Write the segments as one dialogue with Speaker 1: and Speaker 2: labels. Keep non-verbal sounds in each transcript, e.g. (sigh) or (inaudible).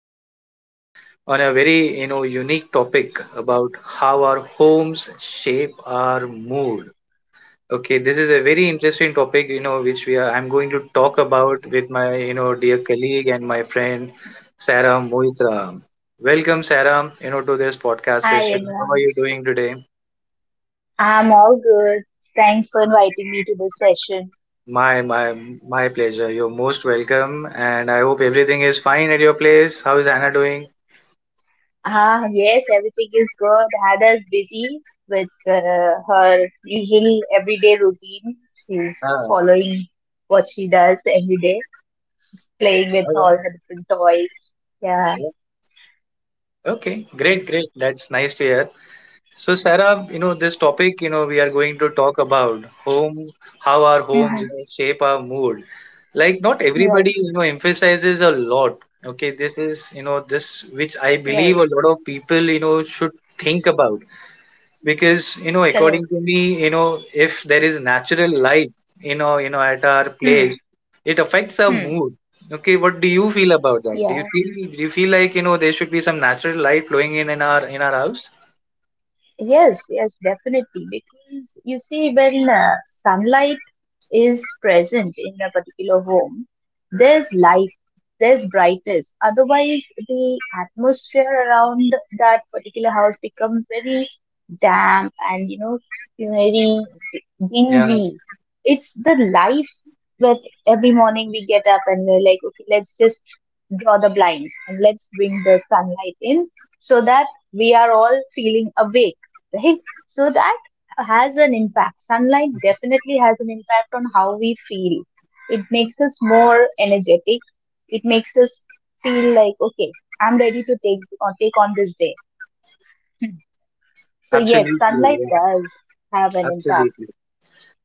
Speaker 1: Session on a very unique topic about how our homes shape our mood. Okay, this is a very interesting topic which I'm going to talk about with my dear colleague and my friend, Sarah Moitra. Welcome, Sarah, to this podcast session.
Speaker 2: Hi
Speaker 1: How are you
Speaker 2: everyone.
Speaker 1: doing today?
Speaker 2: I'm all good. Thanks for inviting me to this session.
Speaker 1: My my my pleasure. You're most welcome, and I hope everything is fine at your place. How is Anna doing?
Speaker 2: Ah, yes, everything is good. Hada's busy with her usual everyday routine. She's
Speaker 1: Ah,
Speaker 2: following what she does every day. She's playing with all
Speaker 1: okay.
Speaker 2: her different toys. Yeah.
Speaker 1: Yeah. Okay, great, great. That's nice to hear. So, Sarah, this topic, we are going to talk about home, how our homes, you
Speaker 2: Mhm.
Speaker 1: know, shape our mood. Like, not
Speaker 2: Right.
Speaker 1: everybody emphasizes a lot. Okay, this is this which I believe
Speaker 2: Right.
Speaker 1: a lot of people should think about, because according
Speaker 2: Correct.
Speaker 1: to me, if there is natural light at our
Speaker 2: Hmm.
Speaker 1: place, it affects our
Speaker 2: Hmm.
Speaker 1: mood. Okay, what do you feel about that? do you
Speaker 2: Yeah.
Speaker 1: feel do you feel like there should be some natural light flowing in our house?
Speaker 2: Yes. Yes. Definitely. Because you see, when sunlight is present in a particular home, there's life, there's brightness. Otherwise, the atmosphere around that particular house becomes very damp and you know very
Speaker 1: Yeah,
Speaker 2: dingy. It's the life that every morning we get up and we're like, okay, let's just draw the blinds and let's bring the sunlight in so that we are all feeling awake, right? So that has an impact. Sunlight definitely has an impact on how we feel. It makes us more energetic. It makes us feel like, okay, I'm ready to take or take on this day. (clears throat) Hmm. So
Speaker 1: absolutely.
Speaker 2: yes, sunlight
Speaker 1: Yeah,
Speaker 2: does have an impact.
Speaker 1: absolutely.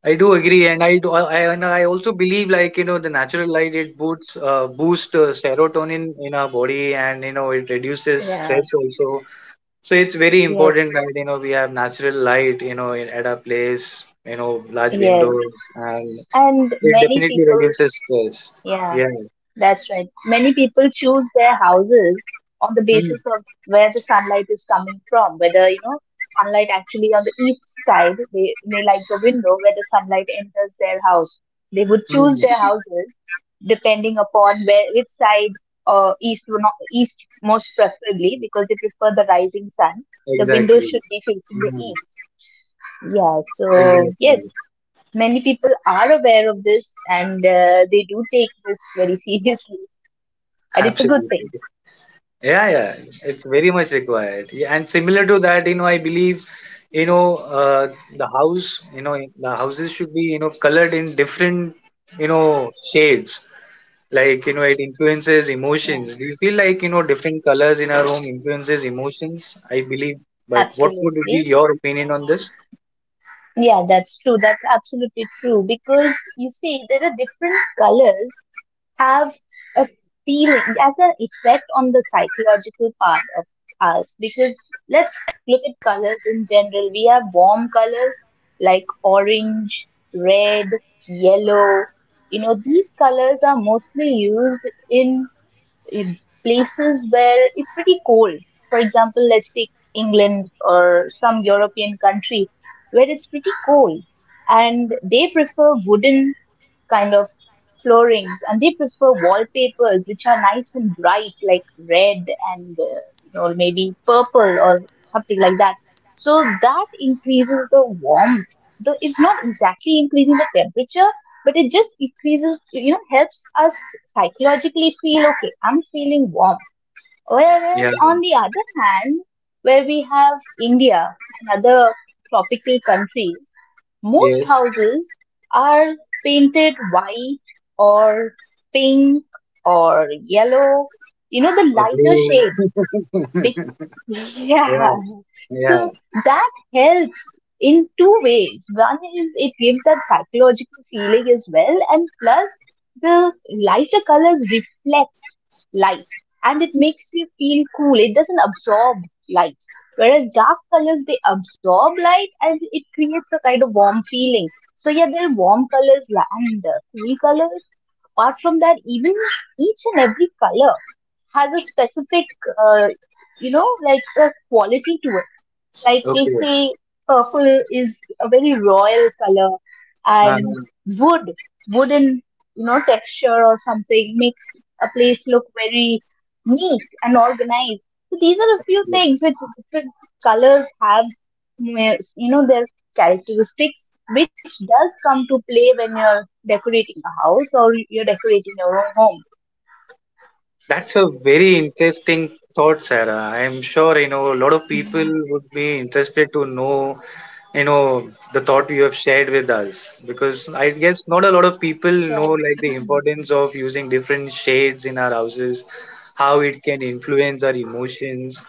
Speaker 1: I do agree, and I also believe like the natural light, it boosts boost serotonin in our body, and it reduces
Speaker 2: Yeah.
Speaker 1: stress also. So it's very important
Speaker 2: Yes.
Speaker 1: that we have natural light, you know, at our place, large
Speaker 2: Yes.
Speaker 1: windows, and
Speaker 2: And
Speaker 1: it
Speaker 2: many
Speaker 1: definitely
Speaker 2: people.
Speaker 1: reduces stress.
Speaker 2: Yeah.
Speaker 1: Yeah.
Speaker 2: That's right. Many people choose their houses on the
Speaker 1: Mm,
Speaker 2: basis of where the sunlight is coming from, whether, you know, sunlight actually on the east side, they like the window where the sunlight enters their house. They would choose their
Speaker 1: mm,
Speaker 2: houses depending upon where which side east or not east most preferably because they prefer the rising sun. The
Speaker 1: exactly.
Speaker 2: windows should be facing the
Speaker 1: Mm,
Speaker 2: east. Yeah, so
Speaker 1: exactly.
Speaker 2: yes, many people are aware of this and they do take this very (laughs) seriously.
Speaker 1: (laughs)
Speaker 2: And it's a good
Speaker 1: Absolutely.
Speaker 2: thing.
Speaker 1: Yeah, yeah. It's very much required. Yeah, and similar to that, you know, I believe, the houses should be colored in different shades. Like, it influences
Speaker 2: Yeah,
Speaker 1: emotions. Do you feel like different colors in our room influences emotions, I believe? But what would be
Speaker 2: absolutely.
Speaker 1: your opinion on this?
Speaker 2: Yeah, that's true. That's absolutely true. Because you see, there are different colors have a feeling, has an effect on the psychological part of us. Because let's look at colors in general. We have warm colors like orange, red, yellow. You know, these colors are mostly used in in places where it's pretty cold. For example, let's take England or some European country where it's pretty cold and they prefer wooden kind of floorings and they prefer wallpapers which are nice and bright like red and you know maybe purple or something like that so that increases the warmth the, it's not exactly increasing the temperature but it just increases you know helps us psychologically feel okay I'm feeling warm.
Speaker 1: Yeah,
Speaker 2: Whereas on the other hand, where we have India and other tropical countries, most
Speaker 1: yes,
Speaker 2: houses are painted white or pink or yellow, you know,
Speaker 1: a
Speaker 2: the lighter
Speaker 1: blue.
Speaker 2: shades. Big,
Speaker 1: (laughs)
Speaker 2: (laughs)
Speaker 1: Yeah,
Speaker 2: yeah.
Speaker 1: yeah,
Speaker 2: So that helps in two ways. One is it gives that psychological feeling as well, and plus the lighter colors reflect light and it makes you feel cool. It doesn't absorb light. Whereas dark colors, they absorb light and it creates a kind of warm feeling. So, yeah, there are warm colors and cool colors. Apart from that, even each and every color has a specific, uh, you know, like a quality to it like they
Speaker 1: okay.
Speaker 2: say, purple is a very royal color, and
Speaker 1: Um,
Speaker 2: wood, wooden, you know, texture or something makes a place look very neat and organized. So these are a few things which different colors have, where, you know, their characteristics, which does come to play when you're decorating a house or you're decorating your own home.
Speaker 1: that's a very interesting thought, Sarah. I'm sure, a lot of people would be interested to know, the thought you have shared with us, because I guess not a lot of people
Speaker 2: Yeah.
Speaker 1: know, like, the importance of using different shades in our houses, how it can influence our emotions.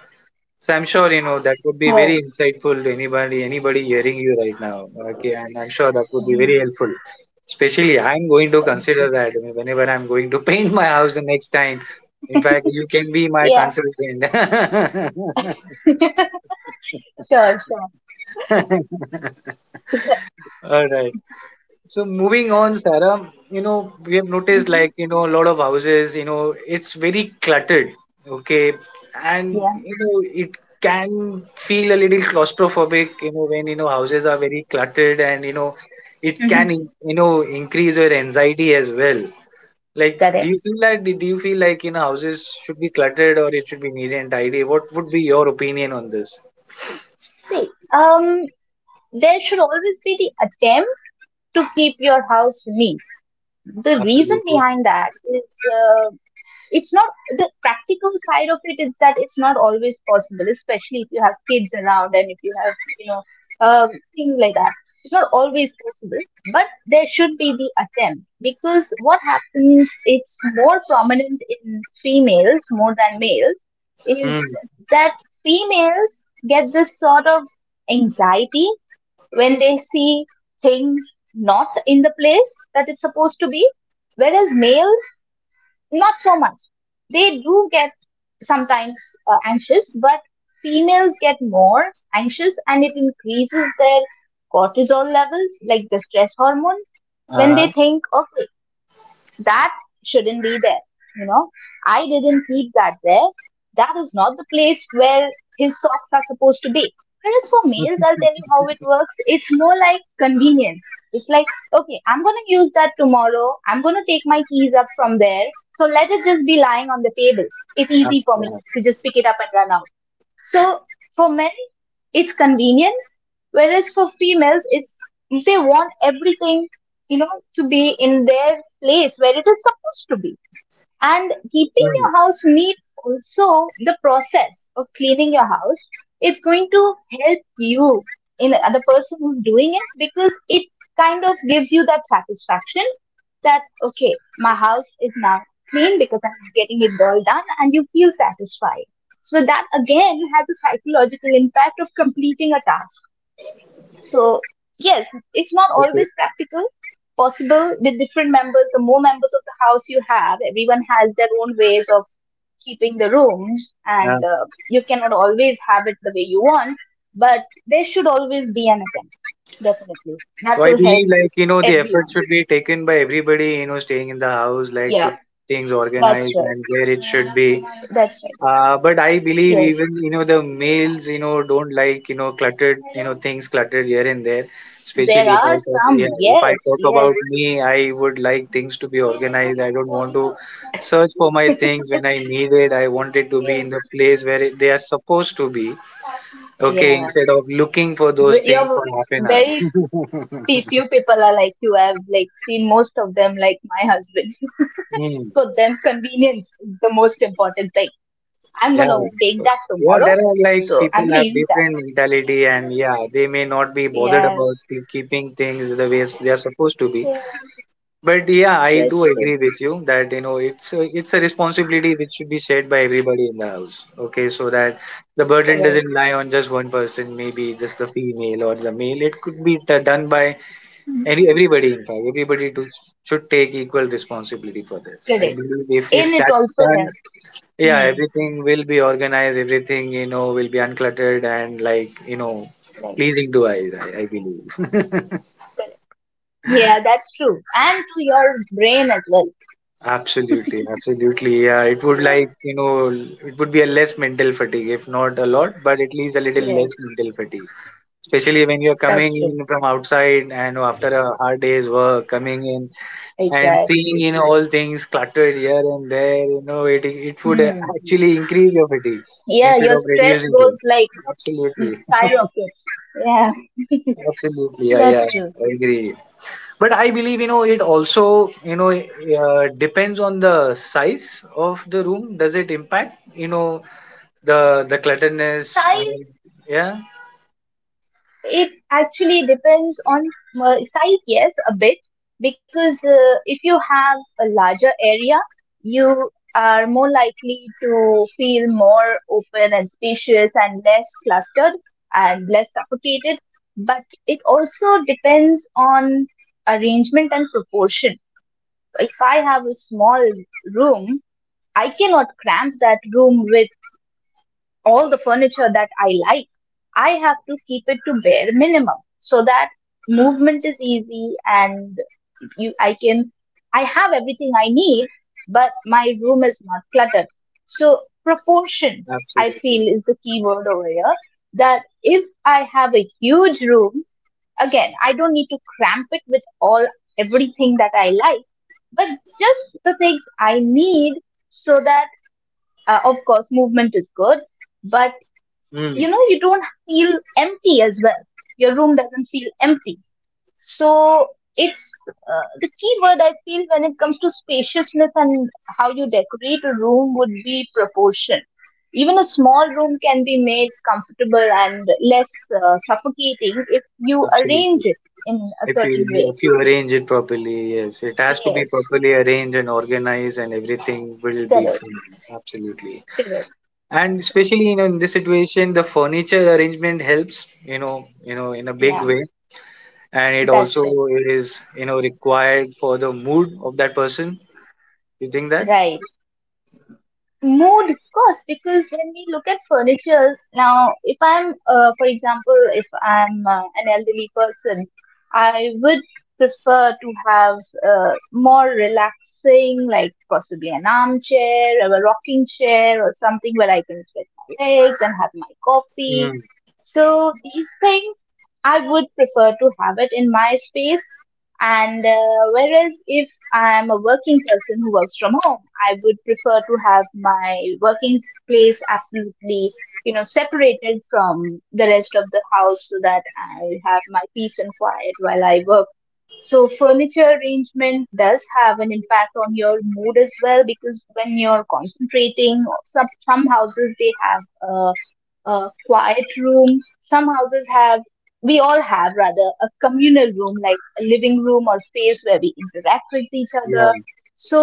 Speaker 1: So I'm sure that would be
Speaker 2: Right.
Speaker 1: very
Speaker 2: (laughs)
Speaker 1: insightful, anybody hearing you right now. Okay, and I'm sure that would be
Speaker 2: Mm.
Speaker 1: very helpful. Especially I'm going to
Speaker 2: Thank you.
Speaker 1: consider that whenever I'm going to (laughs) paint my house the next time. In fact, you can be my
Speaker 2: Yeah,
Speaker 1: consultant. (laughs)
Speaker 2: (laughs) sure, sure. (laughs)
Speaker 1: All right. So moving on, Sarah, we have noticed,
Speaker 2: Mm-hmm.
Speaker 1: like, a lot of houses, it's very cluttered, okay? And,
Speaker 2: Yeah.
Speaker 1: you know, it can feel a little claustrophobic, when, houses are very cluttered, and it can,
Speaker 2: Mhm.
Speaker 1: you know, increase your anxiety as well. Like, do
Speaker 2: Correct.
Speaker 1: you feel that, do you feel like, houses should be cluttered or it should be neat and tidy? What would be your opinion on this?
Speaker 2: See, there should always be the attempt to keep your house neat. The reason
Speaker 1: Absolutely.
Speaker 2: behind that is it's not the practical side of it is that it's not always possible, especially if you have kids around and if you have you know um, things like that. It's not always possible, but there should be the attempt because what happens it's more prominent in females more than males is
Speaker 1: Hmm.
Speaker 2: that females get this sort of anxiety when they see things not in the place that it's supposed to be whereas males not so much. They do get sometimes anxious, but females get more anxious and it increases their cortisol levels, like the stress hormone, when they
Speaker 1: Uh-huh.
Speaker 2: think, okay, that shouldn't be there, you know, I didn't keep that there, that is not the place where his socks are supposed to be, whereas for males
Speaker 1: (laughs)
Speaker 2: I'll tell you how it works, it's more like convenience. It's like okay, I'm going to use that tomorrow, I'm going to take my keys up from there, so let it just be lying on the table, it's
Speaker 1: Uh,
Speaker 2: easy for me
Speaker 1: yeah.
Speaker 2: to just pick it up and run out. So for men, it's convenience, whereas for females, it's they want everything, you know, to be in their place where it is supposed to be. And keeping
Speaker 1: Hmm.
Speaker 2: your house neat, also the process of cleaning your house, it's going to help you in the person who's doing it because it kind of gives you that satisfaction that okay, my house is now clean because I'm getting it all done and you feel satisfied. So that again has a psychological impact of completing a task, so, yes, it's not
Speaker 1: Okay.
Speaker 2: always practical, possible with different members. The more members of the house you have, everyone has their own ways of keeping the rooms,
Speaker 1: Uh,
Speaker 2: and you cannot always have it the way you want, but there should always be an attempt, definitely. That
Speaker 1: So I
Speaker 2: will help
Speaker 1: believe like the effort
Speaker 2: everyone.
Speaker 1: should be taken by everybody staying in the house, like, to
Speaker 2: Yeah,
Speaker 1: things
Speaker 2: that's
Speaker 1: organized
Speaker 2: right.
Speaker 1: and where it should be.
Speaker 2: That's right.
Speaker 1: But I believe, even
Speaker 2: Yes.
Speaker 1: you know the males, you know, don't like cluttered, you know, things cluttered here and there.
Speaker 2: There
Speaker 1: Especially if I
Speaker 2: are
Speaker 1: talk, yeah
Speaker 2: some.
Speaker 1: if I
Speaker 2: Yes,
Speaker 1: talk about
Speaker 2: yes.
Speaker 1: me, I would like things to be organized. I don't want to search for my things when I need it. I want it to be
Speaker 2: Yeah.
Speaker 1: in the place where they are supposed to be. Okay,
Speaker 2: Yeah.
Speaker 1: instead of looking for those
Speaker 2: But
Speaker 1: things
Speaker 2: You're
Speaker 1: for half an hour.
Speaker 2: very
Speaker 1: (laughs)
Speaker 2: See, few people are like you. I've like seen most of them like my husband.
Speaker 1: Hmm.
Speaker 2: (laughs) For them, convenience is the most important thing. I'm
Speaker 1: Yeah.
Speaker 2: gonna take that
Speaker 1: Yeah,
Speaker 2: tomorrow,
Speaker 1: there are, like,
Speaker 2: so
Speaker 1: people
Speaker 2: I'm gonna
Speaker 1: have
Speaker 2: use that.
Speaker 1: different mentality, and yeah, they may not be bothered
Speaker 2: Yeah,
Speaker 1: about the keeping things the way they are supposed to be.
Speaker 2: yeah,
Speaker 1: But yeah, I do
Speaker 2: that's true.
Speaker 1: agree with you that, it's a responsibility which should be shared by everybody in the house. Okay, so that the burden
Speaker 2: Correct.
Speaker 1: doesn't lie on just one person, maybe just the female or the male. It could be done by
Speaker 2: Mm.
Speaker 1: any everybody. In fact, everybody should take equal responsibility for this. I
Speaker 2: Correct.
Speaker 1: believe if
Speaker 2: And
Speaker 1: if
Speaker 2: it
Speaker 1: that's
Speaker 2: also
Speaker 1: done,
Speaker 2: helps.
Speaker 1: yeah,
Speaker 2: Hmm.
Speaker 1: everything will be organized, everything will be uncluttered and, like, you know,
Speaker 2: Right.
Speaker 1: pleasing to eyes, I believe.
Speaker 2: Correct. Yeah, that's true. And to your brain as well.
Speaker 1: Absolutely, absolutely. Yeah, it would like,
Speaker 2: Yeah.
Speaker 1: you know, it would be a less mental fatigue, if not a lot, but at least a little less
Speaker 2: Yes,
Speaker 1: mental fatigue. Especially when you're
Speaker 2: that's
Speaker 1: coming
Speaker 2: true.
Speaker 1: in from outside and after a hard day's work, coming in and seeing,
Speaker 2: Exactly.
Speaker 1: you know, all things cluttered here and there, it it would uh,
Speaker 2: Hmm.
Speaker 1: actually increase your fatigue
Speaker 2: Yeah,
Speaker 1: instead
Speaker 2: your
Speaker 1: of
Speaker 2: stress
Speaker 1: reducing it.
Speaker 2: goes like
Speaker 1: Absolutely.
Speaker 2: skyrockets. Yeah,
Speaker 1: Absolutely, yeah, yeah,
Speaker 2: that's true.
Speaker 1: I agree. But I believe, it also depends on the size of the room. Does it impact, the the clutterness? And,
Speaker 2: Size
Speaker 1: yeah,
Speaker 2: It actually depends on size, yes, a bit, because if you have a larger area, you are more likely to feel more open and spacious and less clustered and less suffocated. But it also depends on arrangement and proportion. If I have a small room, I cannot cramp that room with all the furniture that I like, I have to keep it to bare minimum so that movement is easy and you I can I have everything I need, but my room is not cluttered. So proportion I feel
Speaker 1: absolutely.
Speaker 2: is the key word over here. That if I have a huge room, again, I don't need to cramp it with all everything that I like, but just the things I need so that of course movement is good, but
Speaker 1: Mm,
Speaker 2: you know you don't feel empty as well, your room doesn't feel empty, so it's the key word I feel when it comes to spaciousness and how you decorate a room would be proportion. Even a small room can be made comfortable and less suffocating if you arrange
Speaker 1: absolutely.
Speaker 2: it in a
Speaker 1: If you
Speaker 2: certain way.
Speaker 1: if you arrange it properly, yes, it has to be
Speaker 2: Yes,
Speaker 1: properly arranged and organized, and everything will be
Speaker 2: correct,
Speaker 1: fine. Absolutely.
Speaker 2: correct.
Speaker 1: And especially, in this situation, the furniture arrangement helps, in a big
Speaker 2: Yeah,
Speaker 1: way, and it also
Speaker 2: that's right.
Speaker 1: is you know required for the mood of that person. You think that?
Speaker 2: Right. Mood, of course, because when we look at furnitures now, if I'm, for example, if I'm an elderly person, I would prefer to have more relaxing, like possibly an armchair or a rocking chair or something where I can spread my legs and have my coffee.
Speaker 1: mm,
Speaker 2: So these things I would prefer to have it in my space and whereas if I'm a working person who works from home, I would prefer to have my working place absolutely, you know, separated from the rest of the house so that I have my peace and quiet while I work. So furniture arrangement does have an impact on your mood as well because when you're concentrating, some houses they have a quiet room. Some houses have we all have rather a communal room like a living room or space where we interact with each
Speaker 1: yeah.
Speaker 2: other, so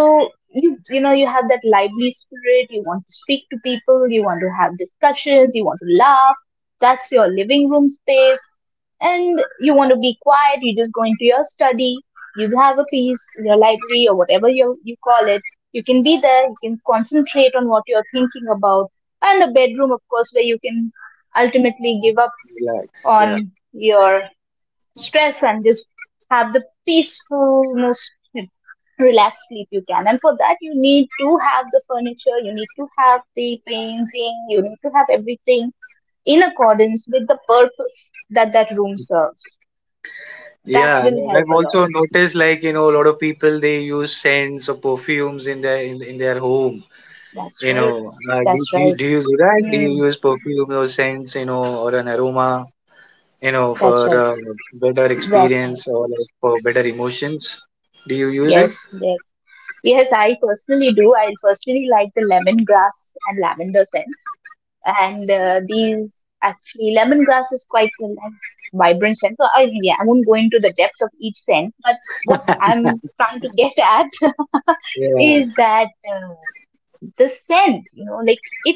Speaker 2: you know you have that lively spirit, you want to speak to people, you want to have discussions, you want to laugh, that's your living room space. And you want to be quiet, you just go into your study, you have a piece, your library or whatever you, you call it, you can be there, you can concentrate on what you're thinking about. And a bedroom of course where you can ultimately give up
Speaker 1: Relax. Yeah,
Speaker 2: on your stress and just have the peaceful, most relaxed sleep you can. And for that, you need to have the furniture, you need to have the painting, you need to have everything in accordance with the purpose that that room serves.
Speaker 1: yeah.
Speaker 2: That
Speaker 1: I
Speaker 2: will
Speaker 1: mean,
Speaker 2: help
Speaker 1: I've
Speaker 2: a lot.
Speaker 1: also noticed, like, a lot of people they use scents or perfumes in their home.
Speaker 2: That's
Speaker 1: you
Speaker 2: right.
Speaker 1: know uh, do,
Speaker 2: That's
Speaker 1: do, you-
Speaker 2: right.
Speaker 1: do you do that? Do you
Speaker 2: Mm,
Speaker 1: use perfume or scents, or an aroma, for
Speaker 2: that's right.
Speaker 1: better
Speaker 2: That's right.
Speaker 1: experience, or like for better emotions, do you use it?
Speaker 2: Yes, yes. Yes, I personally do. I personally like the lemongrass and lavender scents. And these actually lemongrass is quite a nice vibrant scent so yeah, I won't go into the depth of each scent but what
Speaker 1: (laughs)
Speaker 2: I'm trying to get at (laughs)
Speaker 1: Yeah.
Speaker 2: is that uh, the scent, you know, like it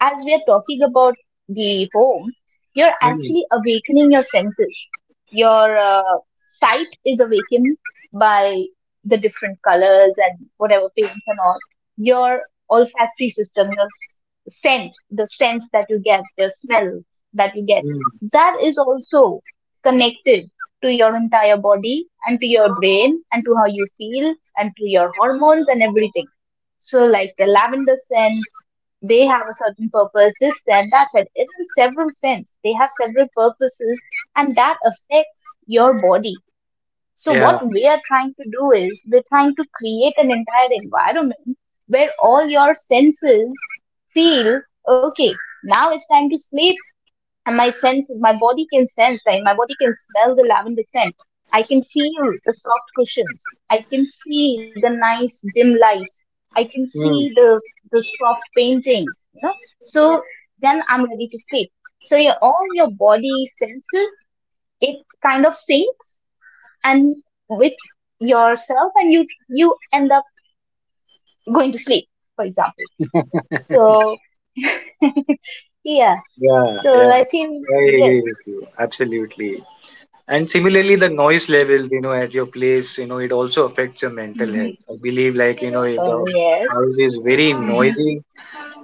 Speaker 2: as we are talking about the home, you're
Speaker 1: Mm,
Speaker 2: actually awakening your senses. Your sight is awakened by the different colors and whatever paints and all. Your olfactory system, your scent, the sense that you get, the smell that you get,
Speaker 1: mm,
Speaker 2: that is also connected to your entire body and to your brain and to how you feel and to your hormones and everything. So, like the lavender scent, they have a certain purpose, this, that, that, that. It is several sense. They have several purposes and that affects your body. So what
Speaker 1: yeah.
Speaker 2: we are trying to do is we're trying to create an entire environment where all your senses feel, okay, now it's time to sleep, and my body can sense that, my body can smell the lavender scent. I can feel the soft cushions, I can see the nice dim lights, I can see
Speaker 1: Mm.
Speaker 2: the soft paintings. So then I'm ready to sleep. So your all your body senses it kind of syncs and with yourself, and you end up going to sleep, for example. So yeah.
Speaker 1: Yeah,
Speaker 2: So
Speaker 1: yeah,
Speaker 2: I think
Speaker 1: I agree
Speaker 2: yes.
Speaker 1: with you. Absolutely. And similarly, the noise levels, at your place, it also affects your mental
Speaker 2: Hmm.
Speaker 1: health. I believe, like, if
Speaker 2: uh,
Speaker 1: the
Speaker 2: yes
Speaker 1: house is very
Speaker 2: Mm-hmm.
Speaker 1: noisy,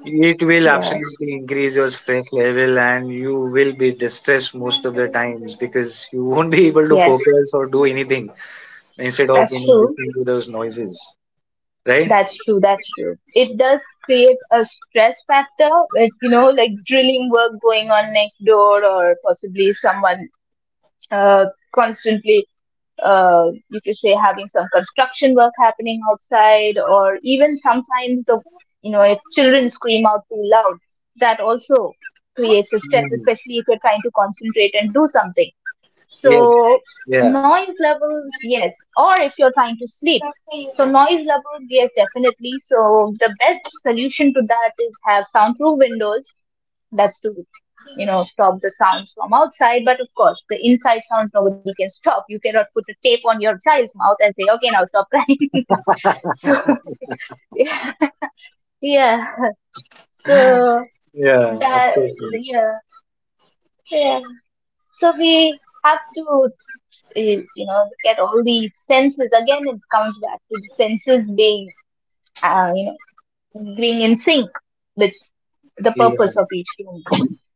Speaker 1: it will
Speaker 2: Yes,
Speaker 1: absolutely increase your stress level, and you will be distressed most of the times, because you (laughs) won't be able to
Speaker 2: yes,
Speaker 1: focus or do anything instead of,
Speaker 2: that's
Speaker 1: you know,
Speaker 2: true.
Speaker 1: listening to those noises, right?
Speaker 2: That's true. That's true. It does create a stress factor with, you know, like drilling work going on next door, or possibly someone uh, constantly, you could say, having some construction work happening outside, or even sometimes the, you know, if children scream out too loud, that also creates a stress,
Speaker 1: Mm.
Speaker 2: especially if you're trying to concentrate and do something.
Speaker 1: Yes.
Speaker 2: So
Speaker 1: Yeah.
Speaker 2: noise levels, yes. Or if you're trying to sleep. So noise levels, yes, definitely. So the best solution to that is have soundproof windows. That's to, you know, stop the sounds from outside. But of course, the inside sounds nobody can stop. You cannot put a tape on your child's mouth and say, okay, now stop crying. (laughs) So (laughs) yeah, yeah. So
Speaker 1: Yeah. Of
Speaker 2: that,
Speaker 1: course.
Speaker 2: yeah, yeah. So we have to, you know, look at all the senses. Again it comes back to the senses being uh, you being in sync with the
Speaker 1: Yeah. Yeah.
Speaker 2: purpose of each room.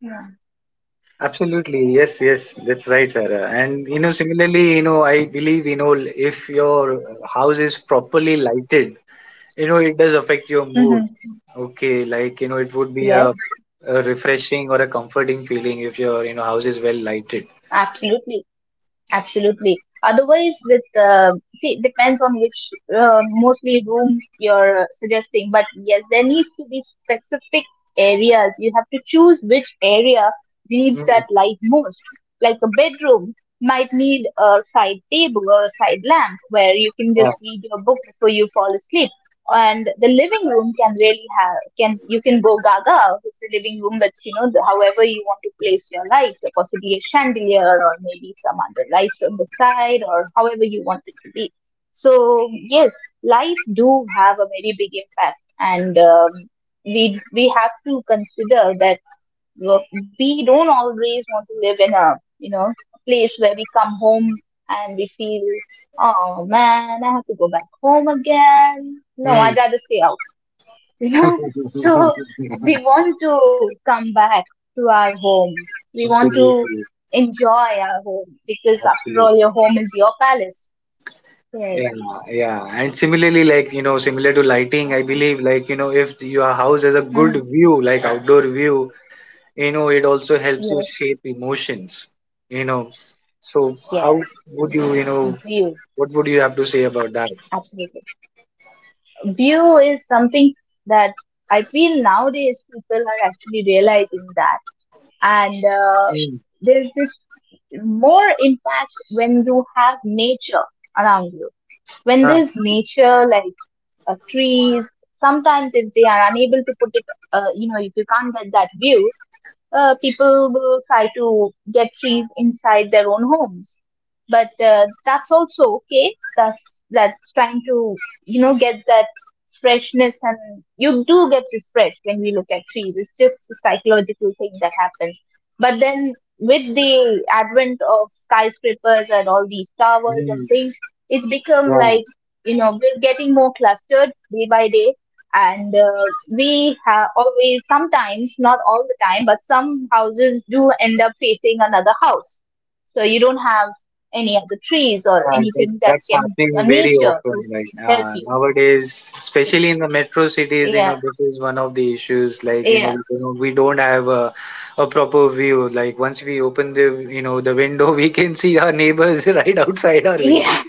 Speaker 2: Yeah.
Speaker 1: Absolutely, yes, yes, that's right, Sarah. And similarly, I believe, if your house is properly lighted, it does affect your mood.
Speaker 2: Mm-hmm.
Speaker 1: Okay, like, it would be a,
Speaker 2: Yes,
Speaker 1: a refreshing or a comforting feeling if your house is well lighted.
Speaker 2: absolutely. Absolutely. Otherwise, with see, it depends on which mostly room you're suggesting. But yes, there needs to be specific areas. You have to choose which area needs that
Speaker 1: Mm,
Speaker 2: light most. Like a bedroom might need a side table or a side lamp where you can
Speaker 1: yeah.
Speaker 2: just read your book before you fall asleep, and the living room can really have, can you can go gaga with the living room with, you know, however you want to place your lights, or possibly a chandelier, or maybe some other lights on the side, or however you want it to be. So yes, lights do have a very big impact, and we have to consider that. wo- we don't always want to live in a, you know, place where we come home and we feel, oh man, I have to go back home again, no,
Speaker 1: Mm.
Speaker 2: I'd rather stay out. (laughs) You know, so
Speaker 1: (laughs)
Speaker 2: we want to come back to our home, we want to
Speaker 1: Absolutely,
Speaker 2: enjoy our home, because after all,
Speaker 1: absolutely.
Speaker 2: your home is your palace.
Speaker 1: Yeah,
Speaker 2: Yes.
Speaker 1: yeah. And similarly, like, similar to lighting, I believe, if your house has a good
Speaker 2: Mhm.
Speaker 1: view, like outdoor view, it also helps you
Speaker 2: Yes,
Speaker 1: shape emotions you know so how
Speaker 2: yes,
Speaker 1: would you you know
Speaker 2: view,
Speaker 1: what would you have to say about that?
Speaker 2: absolutely. View is something that I feel nowadays people are actually realizing that, and
Speaker 1: Hmm.
Speaker 2: there's this more impact when you have nature around you. When
Speaker 1: Ah,
Speaker 2: there's nature, like trees, sometimes if they are unable to put it, you know, if you can't get that view, people will try to get trees inside their own homes. But that's also okay. That's trying to, you know, get that freshness, and you do get refreshed when we look at trees. It's just a psychological thing that happens. But then with the advent of skyscrapers and all these towers and
Speaker 1: hmm,
Speaker 2: things, it's become
Speaker 1: yeah,
Speaker 2: like, you know, we're getting more clustered day by day, and we have always, sometimes not all the time, but some houses do end up facing another house. So you don't have any of the trees or
Speaker 1: yeah, that,
Speaker 2: anything that
Speaker 1: that's
Speaker 2: can,
Speaker 1: happening very
Speaker 2: nature
Speaker 1: often,
Speaker 2: to
Speaker 1: right?
Speaker 2: help you.
Speaker 1: Nowadays, especially in the metro cities you
Speaker 2: Yeah,
Speaker 1: know this is one of the issues, like you know
Speaker 2: yeah.
Speaker 1: we don't we don't have a proper view. Like, once we open the you know the window, (laughs) we can see our neighbors (laughs) right outside our
Speaker 2: (laughs)
Speaker 1: window.
Speaker 2: Yeah.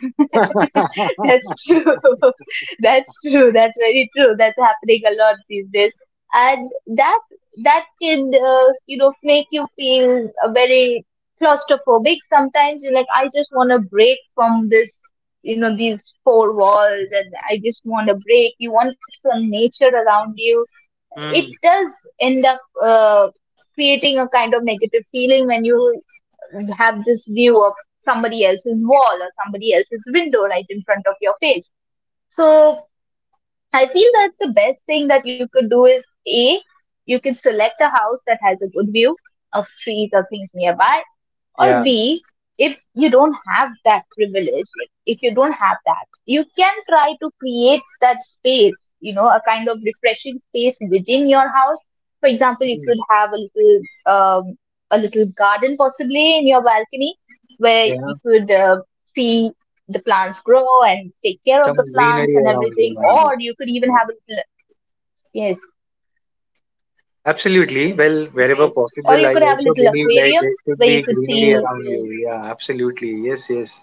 Speaker 2: (laughs)
Speaker 1: (laughs)
Speaker 2: That's true. (laughs) That's true. That's very true. That's happening a lot these days, and that, can, you know, make you feel very claustrophobic. Sometimes you're like, I just want a break from this, you know, these four walls, and I just want a break. You want some nature around you. It
Speaker 1: Hmm.
Speaker 2: does end up creating a kind of negative feeling when you have this view of somebody else's wall or somebody else's window right in front of your face. So I feel that the best thing that you could do is A, you can select a house that has a good view of trees or things nearby, or
Speaker 1: Yeah.
Speaker 2: B, if you don't have that privilege, like if you don't have that, you can try to create that space, you know, a kind of refreshing space within your house. For example, you
Speaker 1: Hmm.
Speaker 2: could have um, a little garden, possibly in your balcony, where
Speaker 1: Yeah,
Speaker 2: you could, see the plants grow and take care of
Speaker 1: some
Speaker 2: the plants
Speaker 1: greenery
Speaker 2: and
Speaker 1: around you,
Speaker 2: everything.
Speaker 1: mind you.
Speaker 2: Or you could even
Speaker 1: So,
Speaker 2: have a little, yes,
Speaker 1: absolutely. Well, wherever
Speaker 2: right, or
Speaker 1: possible,
Speaker 2: you
Speaker 1: I
Speaker 2: could have a
Speaker 1: also
Speaker 2: little
Speaker 1: believe like
Speaker 2: aquarium
Speaker 1: there should
Speaker 2: where
Speaker 1: be
Speaker 2: you could
Speaker 1: greenery
Speaker 2: see
Speaker 1: around
Speaker 2: the
Speaker 1: you. Yeah, absolutely. Yes, yes.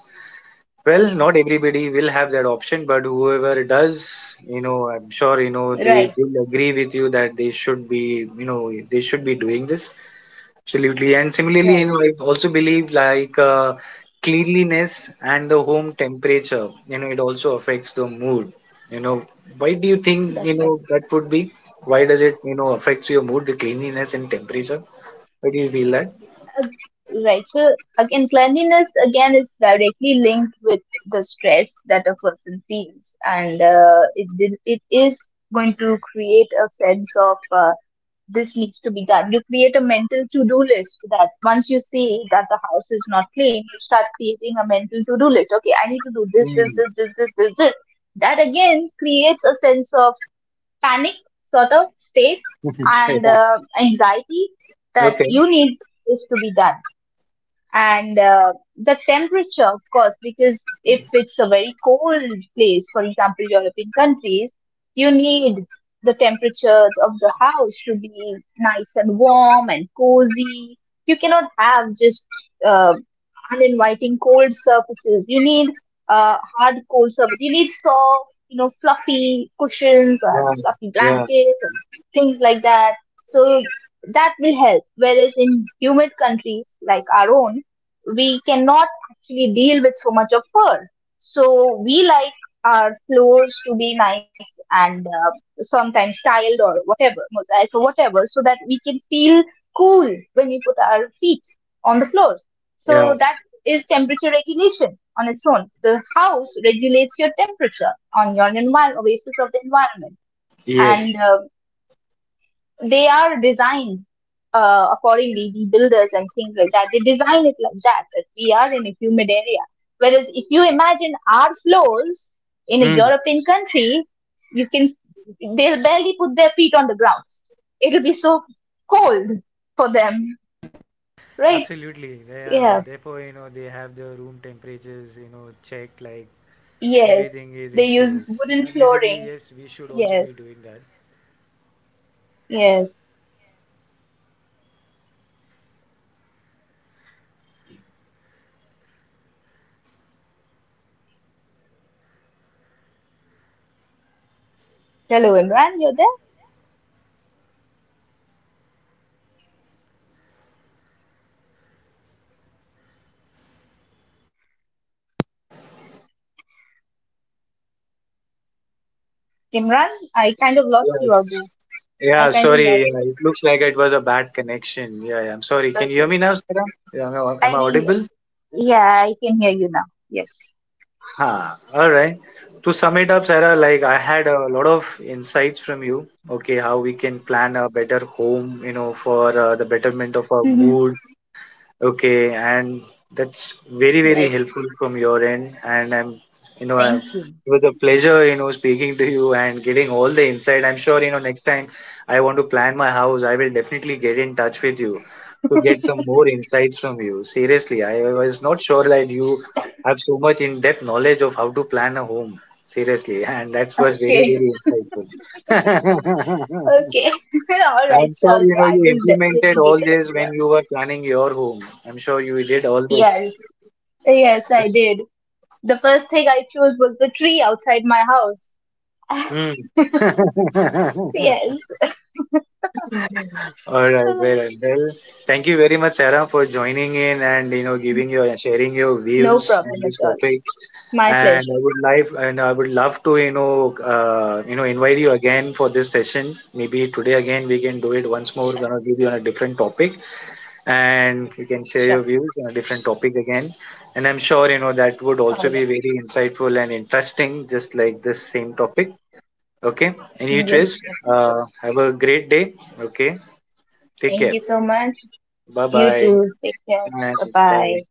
Speaker 1: Well, not everybody will have that option, but whoever does, I'm sure, they
Speaker 2: right,
Speaker 1: will agree with you that they should be doing this. Absolutely. And similarly, you
Speaker 2: right,
Speaker 1: know, I also believe, like, cleanliness and the home temperature, it also affects the mood. You know, why do you think, you
Speaker 2: that's
Speaker 1: know,
Speaker 2: right.
Speaker 1: that would be? Why does it affect your mood, the cleanliness and temperature? Why do you feel that?
Speaker 2: Uh, right. So again, cleanliness again is directly linked with the stress that a person feels, and it is going to create a sense of, this needs to be done. You create a mental to do list so that once you see that the house is not clean, you start creating a mental to do list. Okay, I need to do this, this, this,
Speaker 1: Mm.
Speaker 2: this, this, this, this. That again creates a sense of panic sort of state,
Speaker 1: (laughs) Yeah.
Speaker 2: and anxiety that
Speaker 1: Okay.
Speaker 2: you need is to be done. And the temperature, of course, because if it's a very cold place, for example European countries, you need the temperature of the house to be nice and warm and cozy. You cannot have just uh, uninviting cold surfaces. You need hard cold surface. You need soft, you know, fluffy cushions and
Speaker 1: Yeah.
Speaker 2: fluffy
Speaker 1: Yeah.
Speaker 2: blankets and things like that. So that will help. Whereas in humid countries like our own, we cannot actually deal with so much of fur. So we like our floors to be nice and, sometimes tiled or whatever, mosaic or whatever, so that we can feel cool when we put our feet on the floors.
Speaker 1: Yeah.
Speaker 2: So that is temperature regulation on its own. The house regulates your temperature on your environment, basis of the environment,
Speaker 1: Yes.
Speaker 2: and they are designed accordingly. The builders and things like that, they design it like that. That we are in a humid area. Whereas if you imagine our floors in a
Speaker 1: Mm.
Speaker 2: European country, you can they'll barely put their feet on the ground. It'll be so cold for them, right? Yeah. Yes, they use wooden floorings. Yes, yes. Hello, Imran, you're there? Imran, I kind of lost you
Speaker 1: Yes.
Speaker 2: out there. I
Speaker 1: Yeah,
Speaker 2: kind of
Speaker 1: sorry.
Speaker 2: lost
Speaker 1: Yeah,
Speaker 2: you.
Speaker 1: it looks like it was a bad connection. Yeah, yeah, I'm sorry. Can you hear
Speaker 2: Okay.
Speaker 1: me now, Sarah? Yeah, am I
Speaker 2: I,
Speaker 1: audible?
Speaker 2: yeah, I can hear you now. Yes.
Speaker 1: Ha. All right. To sum it up, Sarah, like I had a lot of insights from you. Okay, how we plan a better home, for the betterment of our
Speaker 2: Hmm.
Speaker 1: mood, okay, and that's very, very
Speaker 2: Right.
Speaker 1: helpful from your end. And I
Speaker 2: Thank you.
Speaker 1: it was a pleasure speaking to you and getting all the insight. I'm sure, next time I want to plan my house, I will definitely get in touch with you to get some more insights from you. Seriously, I was not sure that you have so much in-depth knowledge of how to plan a home. Seriously, and that was very,
Speaker 2: Okay.
Speaker 1: very
Speaker 2: (laughs)
Speaker 1: insightful. (laughs)
Speaker 2: Okay. (laughs) All right.
Speaker 1: I'm sure
Speaker 2: Sure.
Speaker 1: you
Speaker 2: Sure.
Speaker 1: know
Speaker 2: I
Speaker 1: you
Speaker 2: will
Speaker 1: implemented
Speaker 2: definitely be
Speaker 1: all
Speaker 2: there
Speaker 1: this
Speaker 2: for that.
Speaker 1: when you were planning your home. I'm sure you did all this.
Speaker 2: Yes. Yes, I did. The first thing I chose was the tree outside my house. (laughs)
Speaker 1: Hmm. (laughs) All
Speaker 2: Yes.
Speaker 1: right, well,
Speaker 2: (laughs)
Speaker 1: well, thank you very much, Sarah, for joining in, and you know giving your sharing your
Speaker 2: No
Speaker 1: views on
Speaker 2: problem at
Speaker 1: this
Speaker 2: all.
Speaker 1: topic.
Speaker 2: My
Speaker 1: And I
Speaker 2: pleasure.
Speaker 1: would like and I would love to invite you again for this session. Maybe today again we can do it once more. Gonna give you on a different topic, and you can share
Speaker 2: Sure.
Speaker 1: your views on a different topic again. And I'm sure that would also
Speaker 2: All
Speaker 1: be
Speaker 2: right.
Speaker 1: very insightful and interesting, just like this same topic. Okay. In each ways,
Speaker 2: Yes, definitely.
Speaker 1: uh, have a great day. Okay. Take
Speaker 2: Thank
Speaker 1: care.
Speaker 2: you so much.
Speaker 1: Bye
Speaker 2: You
Speaker 1: bye.
Speaker 2: too. Take care. Bye bye.
Speaker 1: Bye.